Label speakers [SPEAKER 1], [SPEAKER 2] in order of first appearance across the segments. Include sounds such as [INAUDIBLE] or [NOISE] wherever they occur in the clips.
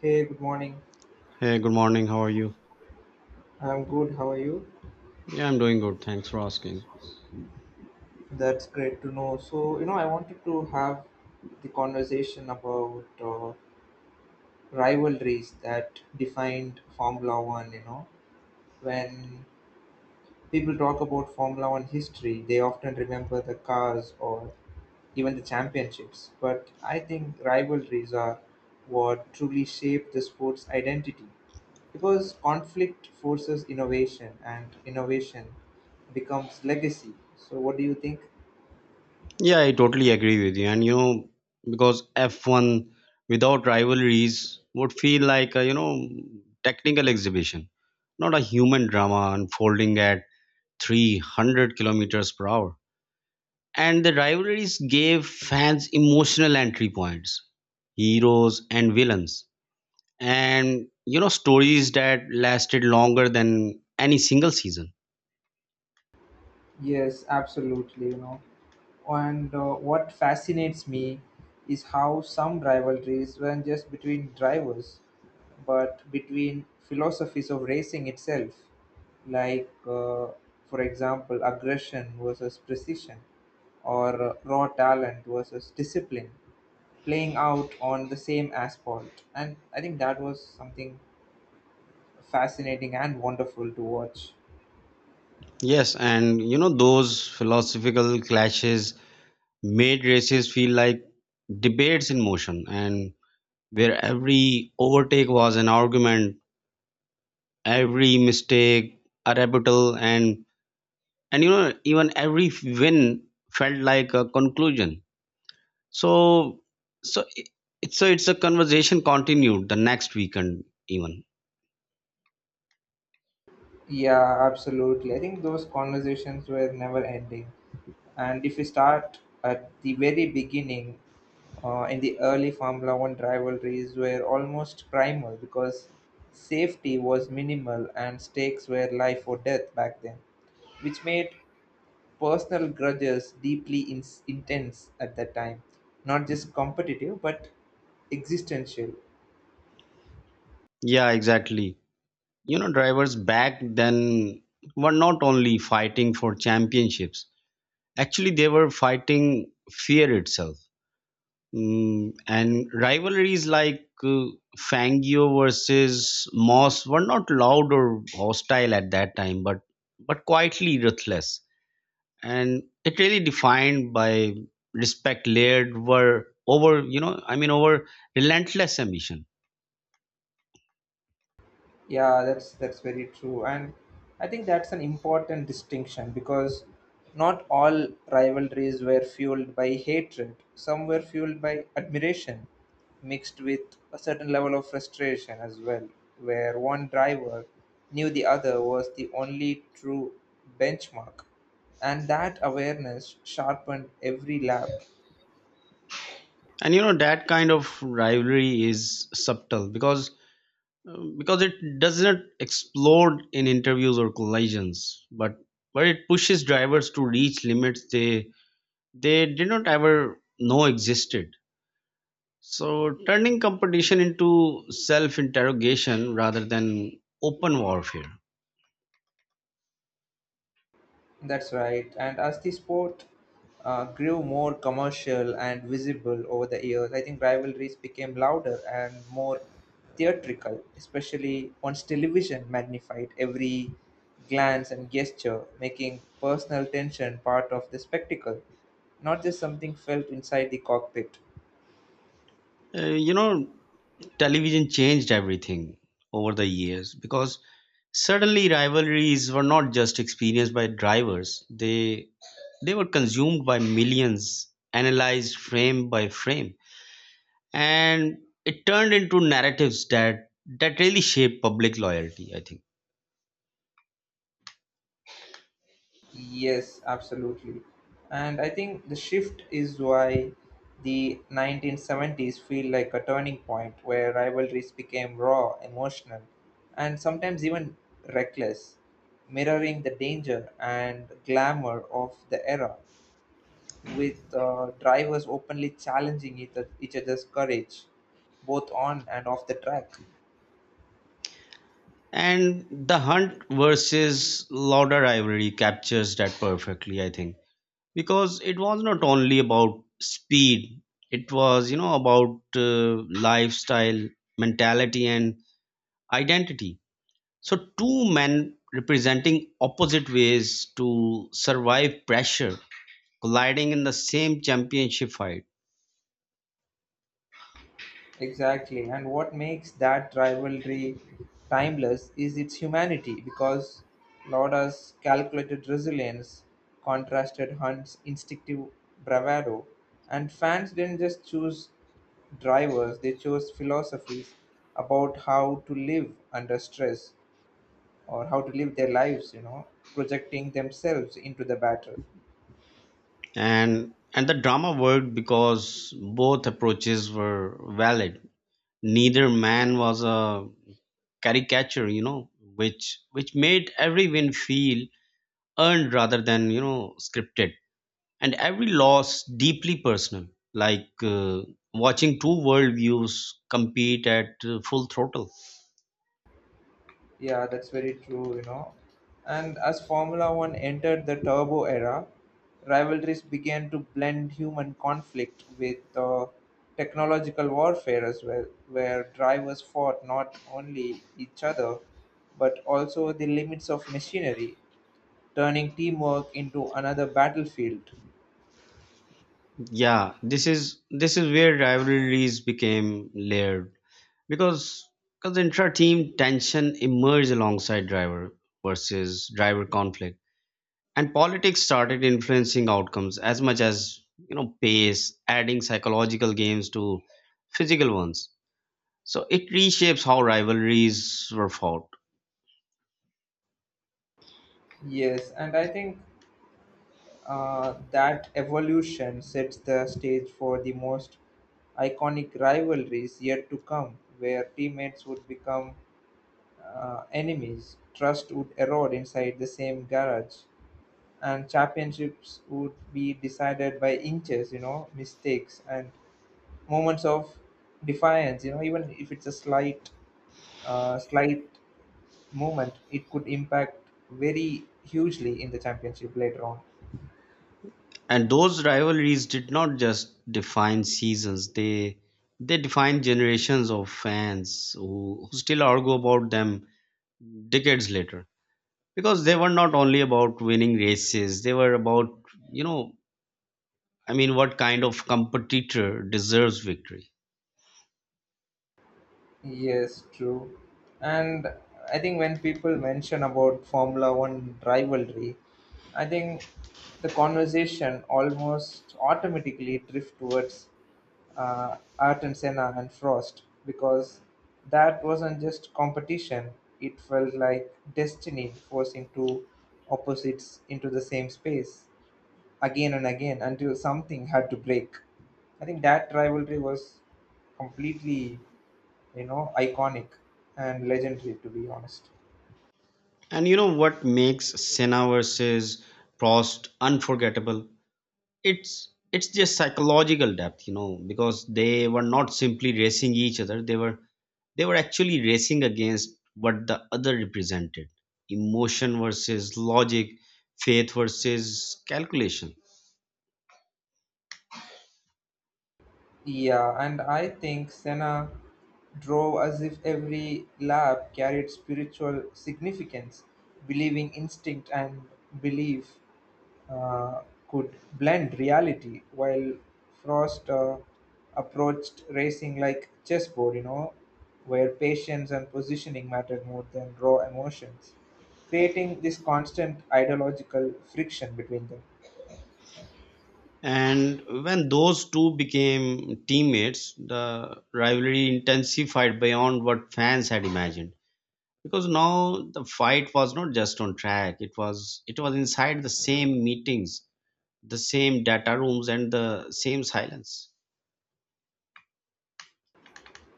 [SPEAKER 1] Hey, good morning.
[SPEAKER 2] Hey, good morning. How are you?
[SPEAKER 1] I'm good. How are you?
[SPEAKER 2] Yeah, I'm doing good. Thanks for asking.
[SPEAKER 1] That's great to know. So, I wanted to have the conversation about rivalries that defined Formula One. When people talk about Formula One history, they often remember the cars or even the championships. But I think rivalries are what truly shape the sport's identity. Because conflict forces innovation and innovation becomes legacy. So, what do you think?
[SPEAKER 2] Yeah, I totally agree with you. And you know, because F1 without rivalries would feel like a, technical exhibition, not a human drama unfolding at 300 kilometers per hour. And the rivalries gave fans emotional entry points, heroes and villains, and you know, stories that lasted longer than any single season.
[SPEAKER 1] Yes, absolutely. And what fascinates me is how some rivalries weren't just between drivers, but between philosophies of racing itself, like, for example, aggression versus precision, or raw talent versus discipline, playing out on the same asphalt. And I think that was something fascinating and wonderful to watch.
[SPEAKER 2] Yes, and you know, those philosophical clashes made races feel like debates in motion, and where every overtake was an argument, every mistake a rebuttal, and you know, even every win felt like a conclusion. So, so it- it's a conversation continued the next weekend even.
[SPEAKER 1] Yeah, absolutely. I think those conversations were never ending. And if we start at the very beginning, in the early Formula One rivalries were almost primal because safety was minimal and stakes were life or death back then, which made personal grudges deeply intense at that time, not just competitive but existential.
[SPEAKER 2] Yeah, exactly. You know, drivers back then were not only fighting for championships. Actually, they were fighting fear itself. And rivalries like Fangio versus Moss were not loud or hostile at that time, but quietly ruthless. And it really defined by respect layered were over, you know, I mean, over relentless ambition.
[SPEAKER 1] Yeah, that's very true, and I think that's an important distinction because not all rivalries were fueled by hatred. Some were fueled by admiration, mixed with a certain level of frustration as well, where one driver knew the other was the only true benchmark, and that awareness sharpened every lap.
[SPEAKER 2] And you know that kind of rivalry is subtle because it doesn't explode in interviews or collisions, but it pushes drivers to reach limits they did not ever know existed, so turning competition into self interrogation rather than open warfare.
[SPEAKER 1] That's right. And as the sport grew more commercial and visible over the years, I think rivalries became louder and more theatrical, especially once television magnified every glance and gesture, making personal tension part of the spectacle, not just something felt inside the cockpit.
[SPEAKER 2] You know, television changed everything over the years, because suddenly rivalries were not just experienced by drivers, they were consumed by millions, analyzed frame by frame, and it turned into narratives that really shaped public loyalty, I think.
[SPEAKER 1] Yes, absolutely. And I think the shift is why the 1970s feel like a turning point where rivalries became raw, emotional, and sometimes even reckless, mirroring the danger and glamour of the era, with drivers openly challenging each other's courage, both on and off the track.
[SPEAKER 2] And the Hunt versus Lauder rivalry captures that perfectly, I think, because it was not only about speed, it was you know about lifestyle, mentality and identity. So two men representing opposite ways to survive pressure, colliding in the same championship fight.
[SPEAKER 1] Exactly. And what makes that rivalry timeless is its humanity because Lauda's calculated resilience contrasted Hunt's instinctive bravado. And fans didn't just choose drivers, they chose philosophies about how to live under stress or how to live their lives, projecting themselves into the battle.
[SPEAKER 2] And the drama worked because both approaches were valid. Neither man was a caricature, you know, which made every win feel earned rather than you know scripted, and every loss deeply personal, like watching two worldviews compete at full throttle.
[SPEAKER 1] Yeah, that's very true. And as Formula One entered the turbo era, rivalries began to blend human conflict with technological warfare as well, where drivers fought not only each other but also the limits of machinery, turning teamwork into another battlefield.
[SPEAKER 2] Yeah, this is where rivalries became layered, because because intra-team tension emerged alongside driver versus driver conflict, and politics started influencing outcomes as much as you know pace, adding psychological games to physical ones. So it reshapes how rivalries were fought.
[SPEAKER 1] Yes, and I think that evolution sets the stage for the most iconic rivalries yet to come, where teammates would become enemies, trust would erode inside the same garage, and championships would be decided by inches, mistakes and moments of defiance. Even if it's a slight, slight movement, it could impact very hugely in the championship later on.
[SPEAKER 2] And those rivalries did not just define seasons, they defined generations of fans who still argue about them decades later, because they were not only about winning races, they were about you know I mean what kind of competitor deserves victory.
[SPEAKER 1] Yes, true. And I think when people mention about Formula One rivalry, I think the conversation almost automatically drift towards Art and Senna and Frost because that wasn't just competition; it felt like destiny forcing two opposites into the same space again and again until something had to break. I think that rivalry was completely, iconic and legendary to be honest.
[SPEAKER 2] And you know what makes Senna versus Prost unforgettable, it's just psychological depth, you know, because they were not simply racing each other, they were actually racing against what the other represented: emotion versus logic, faith versus calculation.
[SPEAKER 1] Yeah, and I think Senna drove as if every lap carried spiritual significance, believing instinct and belief uh, could blend reality, while Frost approached racing like chessboard, where patience and positioning mattered more than raw emotions, creating this constant ideological friction between them.
[SPEAKER 2] And when those two became teammates, the rivalry intensified beyond what fans had imagined. Because now the fight was not just on track, it was inside the same meetings, the same data rooms and the same silence.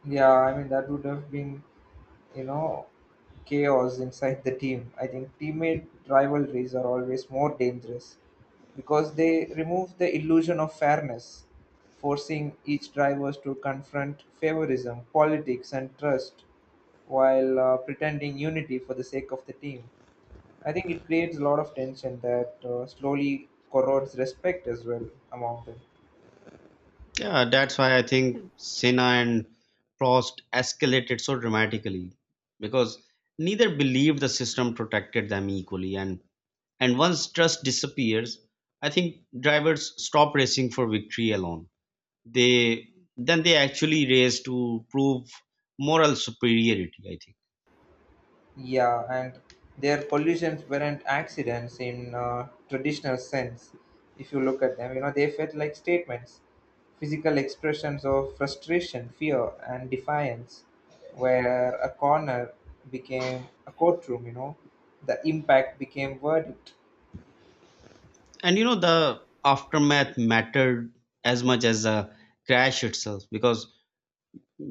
[SPEAKER 1] Yeah, I mean that would have been, you know, chaos inside the team. I think teammate rivalries are always more dangerous because they remove the illusion of fairness, forcing each driver to confront favorism, politics, and trust while pretending unity for the sake of the team. I think it creates a lot of tension that slowly corrodes respect as well among them.
[SPEAKER 2] Yeah, that's why I think Senna and Prost escalated so dramatically because neither believed the system protected them equally. And once trust disappears, I think drivers stop racing for victory alone. They then they actually race to prove moral superiority, I think.
[SPEAKER 1] Yeah, and their collisions weren't accidents in traditional sense. If you look at them, they felt like statements, physical expressions of frustration, fear, and defiance, where a corner became a courtroom, the impact became verdict.
[SPEAKER 2] And you know the aftermath mattered as much as the crash itself, because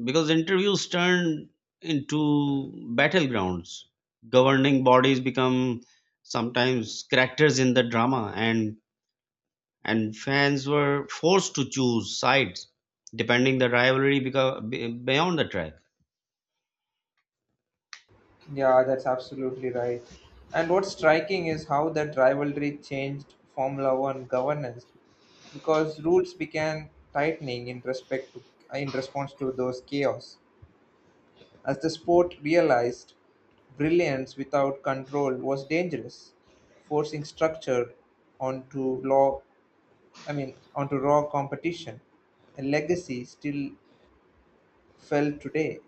[SPEAKER 2] because interviews turned into battlegrounds. Governing bodies become sometimes characters in the drama, and fans were forced to choose sides depending the rivalry, because beyond the track.
[SPEAKER 1] Yeah, that's absolutely right. And what's striking is how that rivalry changed Formula One governance because rules began tightening in respect to, in response to those chaos, as the sport realized brilliance without control was dangerous, forcing structure onto law, I mean onto raw competition, a legacy still felt today.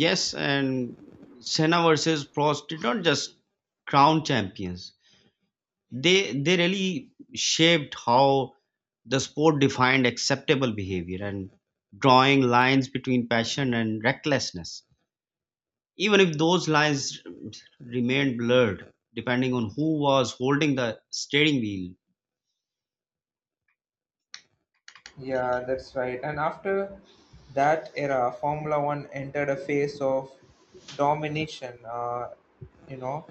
[SPEAKER 2] Yes, and Senna versus Prost did not just crown champions, they really shaped how the sport defined acceptable behavior, and drawing lines between passion and recklessness, even if those lines remained blurred depending on who was holding the steering wheel.
[SPEAKER 1] Yeah, that's right. And after that era, Formula 1 entered a phase of domination, you know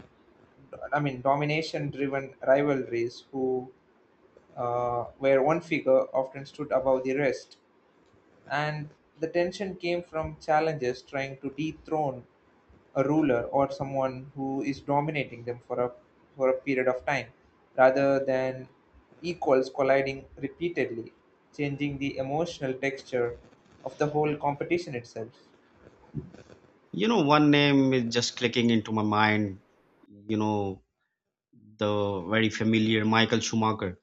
[SPEAKER 1] I mean domination driven rivalries who where one figure often stood above the rest, and the tension came from challengers trying to dethrone a ruler or someone who is dominating them for a period of time, rather than equals colliding repeatedly, changing the emotional texture of the whole competition itself.
[SPEAKER 2] You know, one name is just clicking into my mind. You know, the very familiar Michael Schumacher.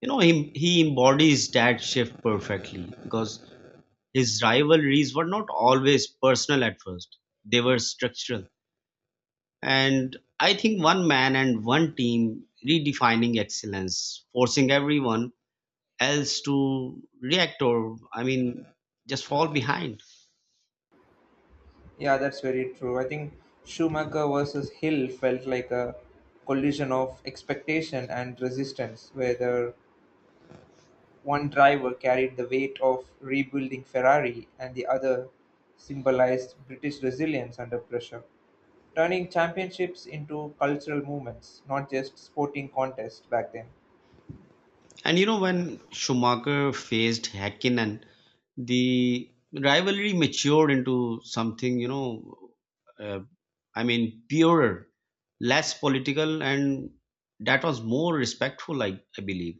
[SPEAKER 2] You know, he embodies that shift perfectly because his rivalries were not always personal at first. They were structural. And I think one man and one team redefining excellence, forcing everyone else to react, or I mean just fall behind.
[SPEAKER 1] Yeah, that's very true. I think Schumacher versus Hill felt like a collision of expectation and resistance, where the one driver carried the weight of rebuilding Ferrari and the other symbolized British resilience under pressure, turning championships into cultural movements, not just sporting contests back then.
[SPEAKER 2] And you know when Schumacher faced Häkkinen, the rivalry matured into something, you know, uh, I mean purer, less political, and that was more respectful, I believe.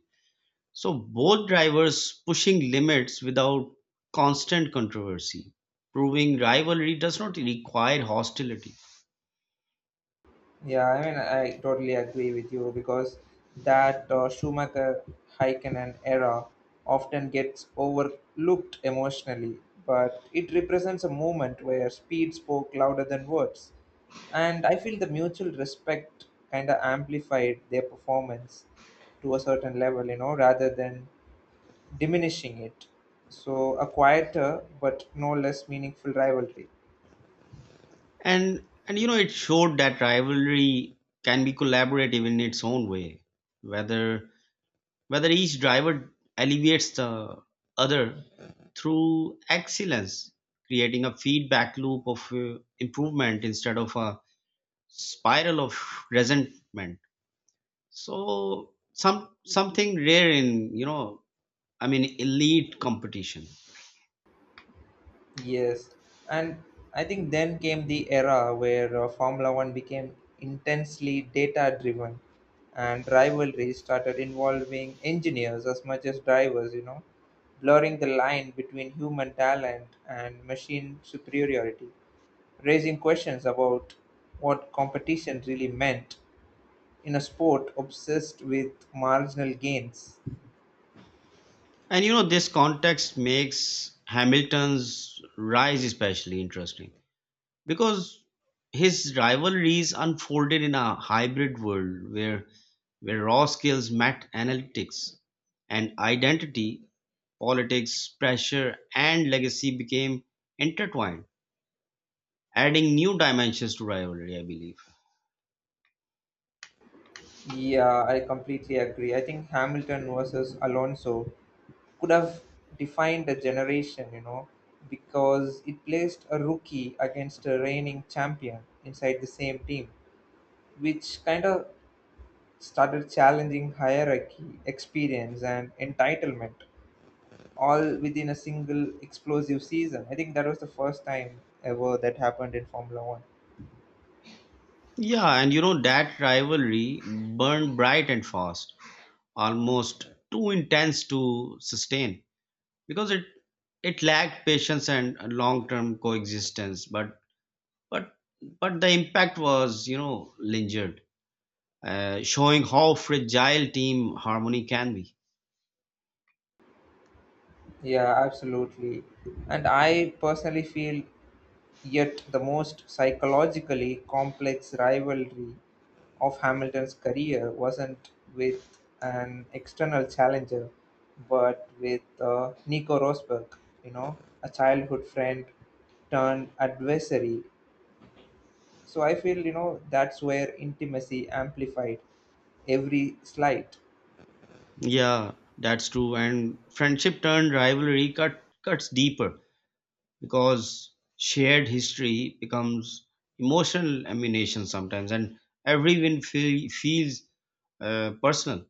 [SPEAKER 2] So both drivers pushing limits without constant controversy, proving rivalry does not require hostility.
[SPEAKER 1] Yeah, I mean, I totally agree with you because that Schumacher Häkkinen era often gets overlooked emotionally, but it represents a moment where speed spoke louder than words. And I feel the mutual respect kind of amplified their performance to a certain level, rather than diminishing it. So, a quieter but no less meaningful rivalry.
[SPEAKER 2] And you know it showed that rivalry can be collaborative in its own way, whether whether each driver alleviates the other through excellence, creating a feedback loop of improvement instead of a spiral of resentment. So something rare in you know I mean elite competition.
[SPEAKER 1] Yes, and I think then came the era where Formula One became intensely data driven and rivalry started involving engineers as much as drivers, blurring the line between human talent and machine superiority, raising questions about what competition really meant in a sport obsessed with marginal gains.
[SPEAKER 2] And you know this context makes Hamilton's rise especially interesting, because his rivalries unfolded in a hybrid world where raw skills met analytics, and identity, politics, pressure, and legacy became intertwined, adding new dimensions to rivalry, I believe.
[SPEAKER 1] Yeah, I completely agree. I think Hamilton versus Alonso could have defined a generation, because it placed a rookie against a reigning champion inside the same team, which kind of started challenging hierarchy, experience, and entitlement all within a single explosive season. I think that was the first time ever that happened in Formula One.
[SPEAKER 2] Yeah, and you know, that rivalry burned bright and fast, almost too intense to sustain, because it lacked patience and long-term coexistence, But but the impact was, you know, lingered, showing how fragile team harmony can be.
[SPEAKER 1] Yeah, absolutely. And I personally feel yet the most psychologically complex rivalry of Hamilton's career wasn't with an external challenger, but with Nico Rosberg, a childhood friend turned adversary. So I feel, that's where intimacy amplified every slight.
[SPEAKER 2] Yeah, that's true. And friendship turned rivalry cuts deeper because shared history becomes emotional ammunition sometimes, and every win feels personal.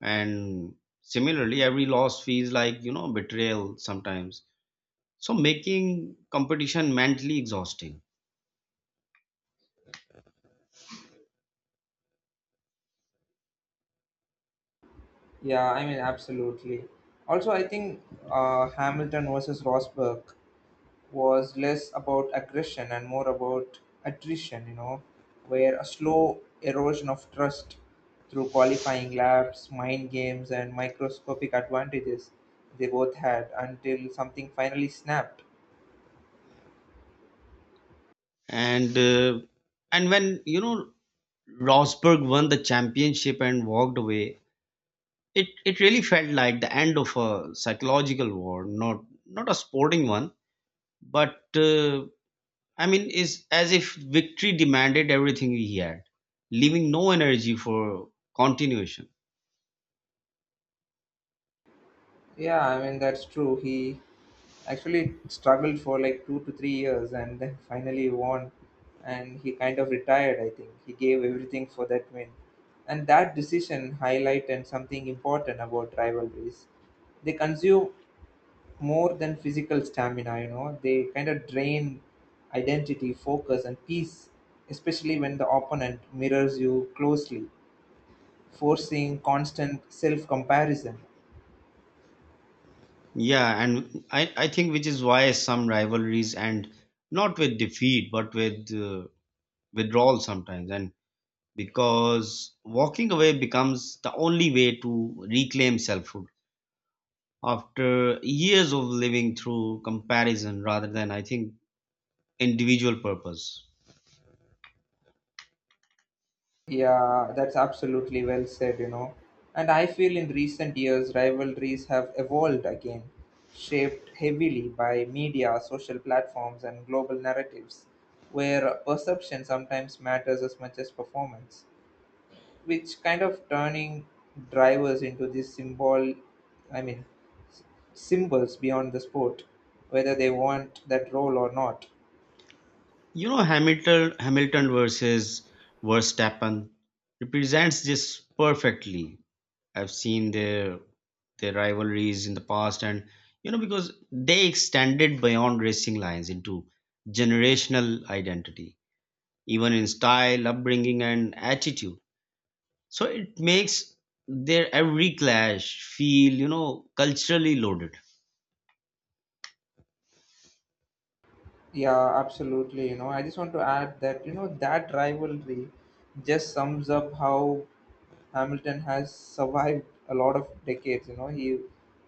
[SPEAKER 2] And similarly, every loss feels like you know betrayal sometimes. So making competition mentally exhausting.
[SPEAKER 1] Yeah, I mean, absolutely. Also, I think Hamilton versus Rosberg was less about aggression and more about attrition, where a slow erosion of trust through qualifying laps, mind games, and microscopic advantages they both had until something finally snapped.
[SPEAKER 2] and uh, and when you know Rosberg won the championship and walked away, it really felt like the end of a psychological war, not a sporting one, but I mean, is as if victory demanded everything he had, leaving no energy for continuation.
[SPEAKER 1] Yeah, I mean, that's true. He actually struggled for like 2 to 3 years and then [LAUGHS] finally won, and he kind of retired. I think he gave everything for that win, and that decision highlighted something important about rivalries. They consume more than physical stamina, they kind of drain identity, focus, and peace, especially when the opponent mirrors you closely, forcing constant self comparison.
[SPEAKER 2] Yeah, and I think which is why some rivalries end not with defeat but with withdrawal sometimes, and because walking away becomes the only way to reclaim selfhood after years of living through comparison rather than I think individual purpose.
[SPEAKER 1] Yeah, that's absolutely well said. And I feel in recent years, rivalries have evolved again, shaped heavily by media, social platforms, and global narratives, where perception sometimes matters as much as performance, which kind of turning drivers into these I mean, symbols beyond the sport, whether they want that role or not.
[SPEAKER 2] You know, Hamilton versus Verstappen represents this perfectly. I've seen their rivalries in the past, and you know, because they extended beyond racing lines into generational identity, even in style, upbringing and attitude. So it makes their every clash feel, you know, culturally loaded.
[SPEAKER 1] Yeah, absolutely. I just want to add that, that rivalry just sums up how Hamilton has survived a lot of decades. You know, he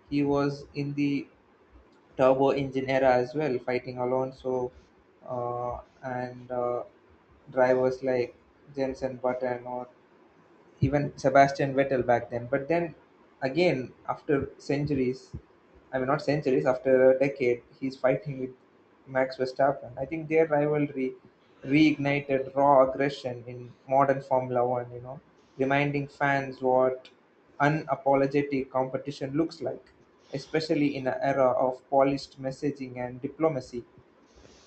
[SPEAKER 1] he was in the turbo engine era as well, fighting Alonso and drivers like Jensen Button or even Sebastian Vettel back then. But then again, after centuries, I mean, not centuries, after a decade, he's fighting with Max Verstappen. I think their rivalry reignited raw aggression in modern Formula One, reminding fans what unapologetic competition looks like, especially in an era of polished messaging and diplomacy,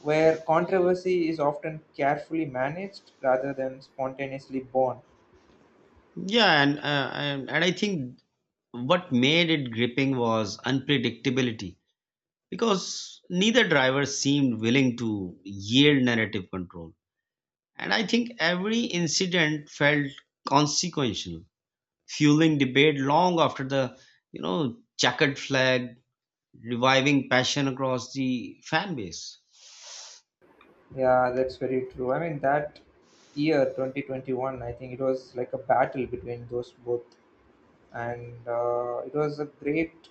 [SPEAKER 1] where controversy is often carefully managed rather than spontaneously born.
[SPEAKER 2] Yeah, and I think what made it gripping was unpredictability, because neither driver seemed willing to yield narrative control. And I think every incident felt consequential, fueling debate long after the, you know, checkered flag, reviving passion across the fan base.
[SPEAKER 1] Yeah, that's very true. I mean, that year 2021, I think it was like a battle between those both, and it was a great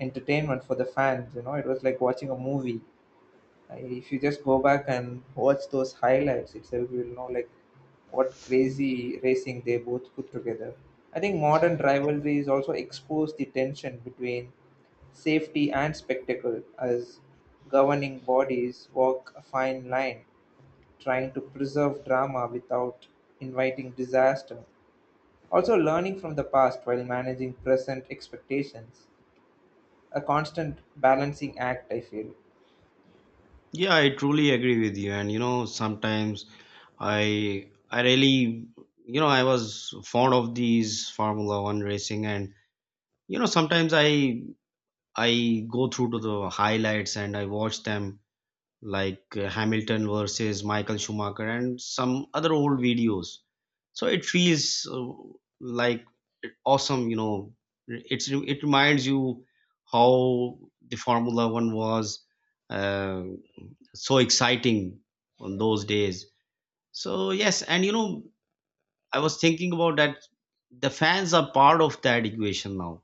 [SPEAKER 1] entertainment for the fans. It was like watching a movie. If you just go back and watch those highlights itself, you'll know like what crazy racing they both put together. I think modern rivalries also expose the tension between safety and spectacle as governing bodies walk a fine line trying to preserve drama without inviting disaster. Also, learning from the past while managing present expectations. A constant balancing act, I feel.
[SPEAKER 2] Yeah, I truly agree with you. And you know, sometimes I really you know I was fond of these Formula One racing, and you know sometimes I go through to the highlights and I watch them, like Hamilton versus Michael Schumacher and some other old videos. So it feels like awesome, you know. It reminds you how the Formula One was uh, so exciting on those days. So yes, and you know I was thinking about that, the fans are part of that equation now.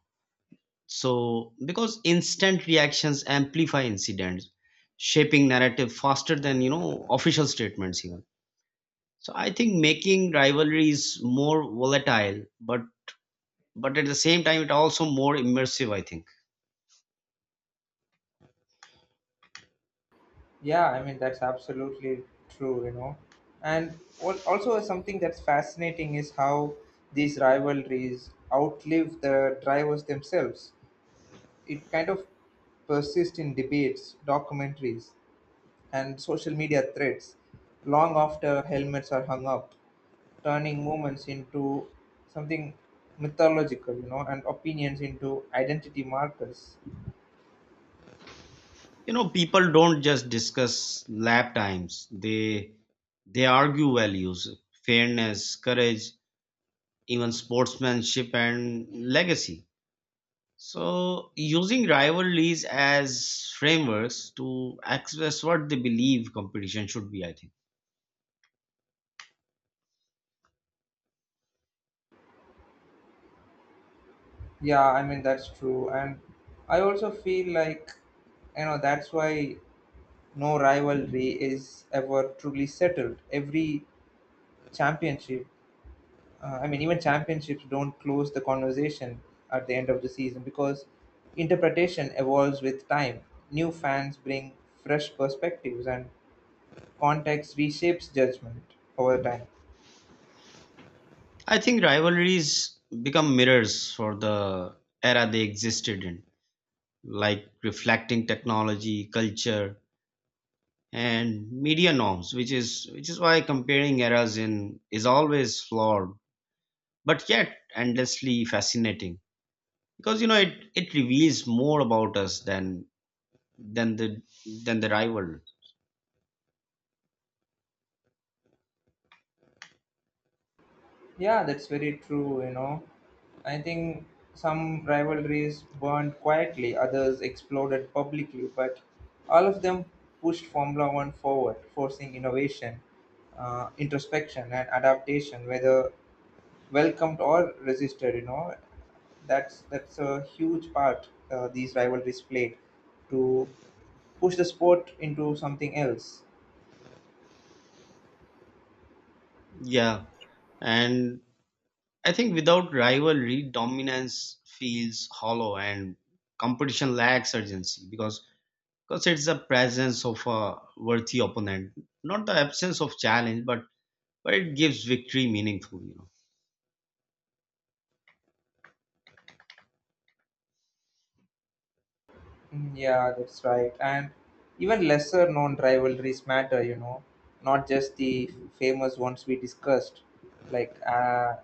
[SPEAKER 2] So because instant reactions amplify incidents, shaping narrative faster than you know official statements even. So I think making rivalries more volatile, but at the same time it also more immersive, I think.
[SPEAKER 1] Yeah, I mean, that's absolutely true. And what also something that's fascinating is how these rivalries outlive the drivers themselves. It kind of persists in debates, documentaries, and social media threads long after helmets are hung up, turning moments into something mythological, and opinions into identity markers.
[SPEAKER 2] You know, people don't just discuss lap times, they argue values, fairness, courage, even sportsmanship and legacy. So using rivalries as frameworks to express what they believe competition should be, I think.
[SPEAKER 1] Yeah, I mean, that's true. And I also feel like, that's why no rivalry is ever truly settled. Every championship, I mean, even championships don't close the conversation at the end of the season because interpretation evolves with time. New fans bring fresh perspectives and context reshapes judgment over time.
[SPEAKER 2] I think rivalries become mirrors for the era they existed in, like reflecting technology, culture and media norms, which is why comparing eras in is always flawed but yet endlessly fascinating, because you know it reveals more about us than than the than the rival.
[SPEAKER 1] Yeah, that's very true. I think some rivalries burned quietly, others exploded publicly, but all of them pushed Formula One forward, forcing innovation, introspection, and adaptation, whether welcomed or resisted. That's a huge part these rivalries played to push the sport into something else.
[SPEAKER 2] Yeah, and I think without rivalry, dominance feels hollow and competition lacks urgency, because it's the presence of a worthy opponent, not the absence of challenge, but it gives victory meaningful, you know.
[SPEAKER 1] Mm, yeah, that's right. And even lesser known rivalries matter, not just the famous ones we discussed, like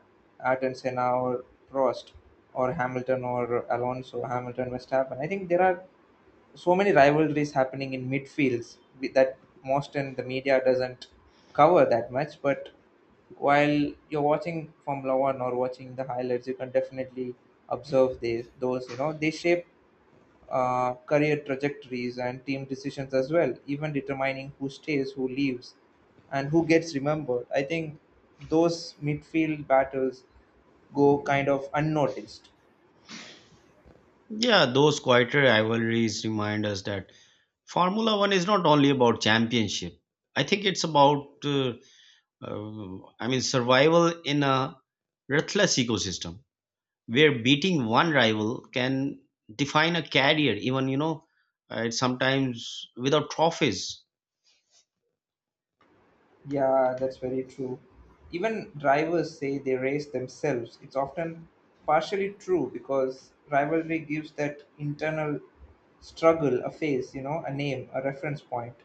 [SPEAKER 1] Ayrton Senna or Prost or Hamilton or Alonso, Hamilton Verstappen. I think there are so many rivalries happening in midfields that most in the media doesn't cover that much. But while you're watching Formula One or watching the highlights, you can definitely observe these, those, they shape career trajectories and team decisions as well, even determining who stays, who leaves, and who gets remembered. I think those midfield battles go kind of unnoticed.
[SPEAKER 2] Yeah, those quieter rivalries remind us that Formula One is not only about championship. I think it's about, I mean, survival in a ruthless ecosystem where beating one rival can define a career, even, you know, sometimes without trophies.
[SPEAKER 1] Yeah, that's very true. Even drivers say they race themselves. It's often partially true because rivalry gives that internal struggle a face, a name, a reference point,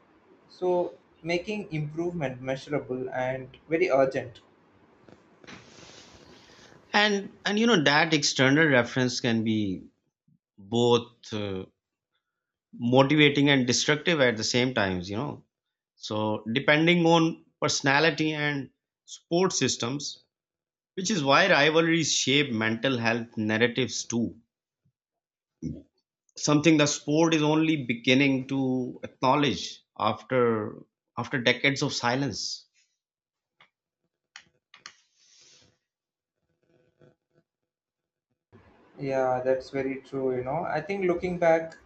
[SPEAKER 1] so making improvement measurable and very urgent.
[SPEAKER 2] And, you know, that external reference can be both motivating and destructive at the same times, you know. So depending on personality and support systems, which is why rivalries shape mental health narratives too. Something the sport is only beginning to acknowledge after decades of silence.
[SPEAKER 1] Yeah, that's very true. I think looking back,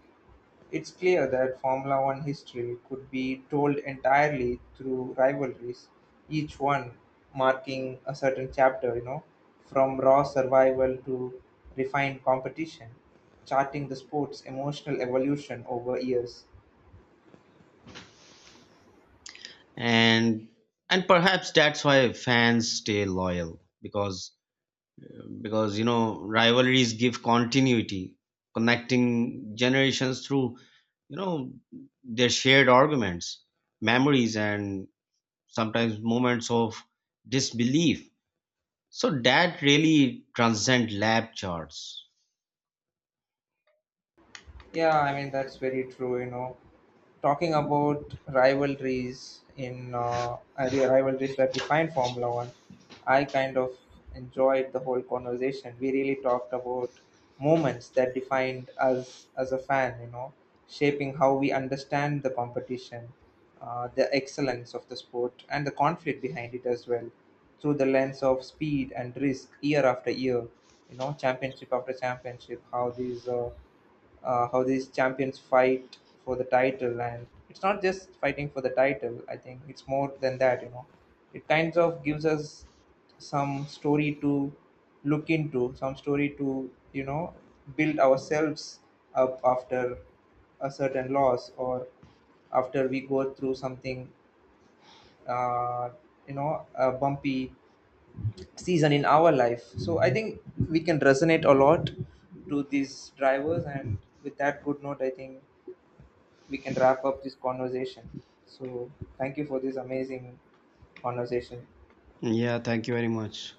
[SPEAKER 1] it's clear that Formula One history could be told entirely through rivalries, each one marking a certain chapter, from raw survival to refined competition, charting the sport's emotional evolution over years.
[SPEAKER 2] And and perhaps that's why fans stay loyal, because you know rivalries give continuity, connecting generations through you know their shared arguments, memories and sometimes moments of disbelief, so that really transcend lab charts.
[SPEAKER 1] Yeah, I mean, that's very true. Talking about rivalries in rivalries that define Formula One, I kind of enjoyed the whole conversation. We really talked about moments that defined us as a fan, shaping how we understand the competition, the excellence of the sport, and the conflict behind it as well, through the lens of speed and risk, year after year, championship after championship. How these champions fight for the title, and it's not just fighting for the title, I think it's more than that, it kind of gives us some story to look into, some story to, build ourselves up after a certain loss, or after we go through something, uh, a bumpy season in our life. So I think we can resonate a lot to these drivers, and with that good note I think we can wrap up this conversation. So, thank you for this amazing conversation.
[SPEAKER 2] Yeah, thank you very much.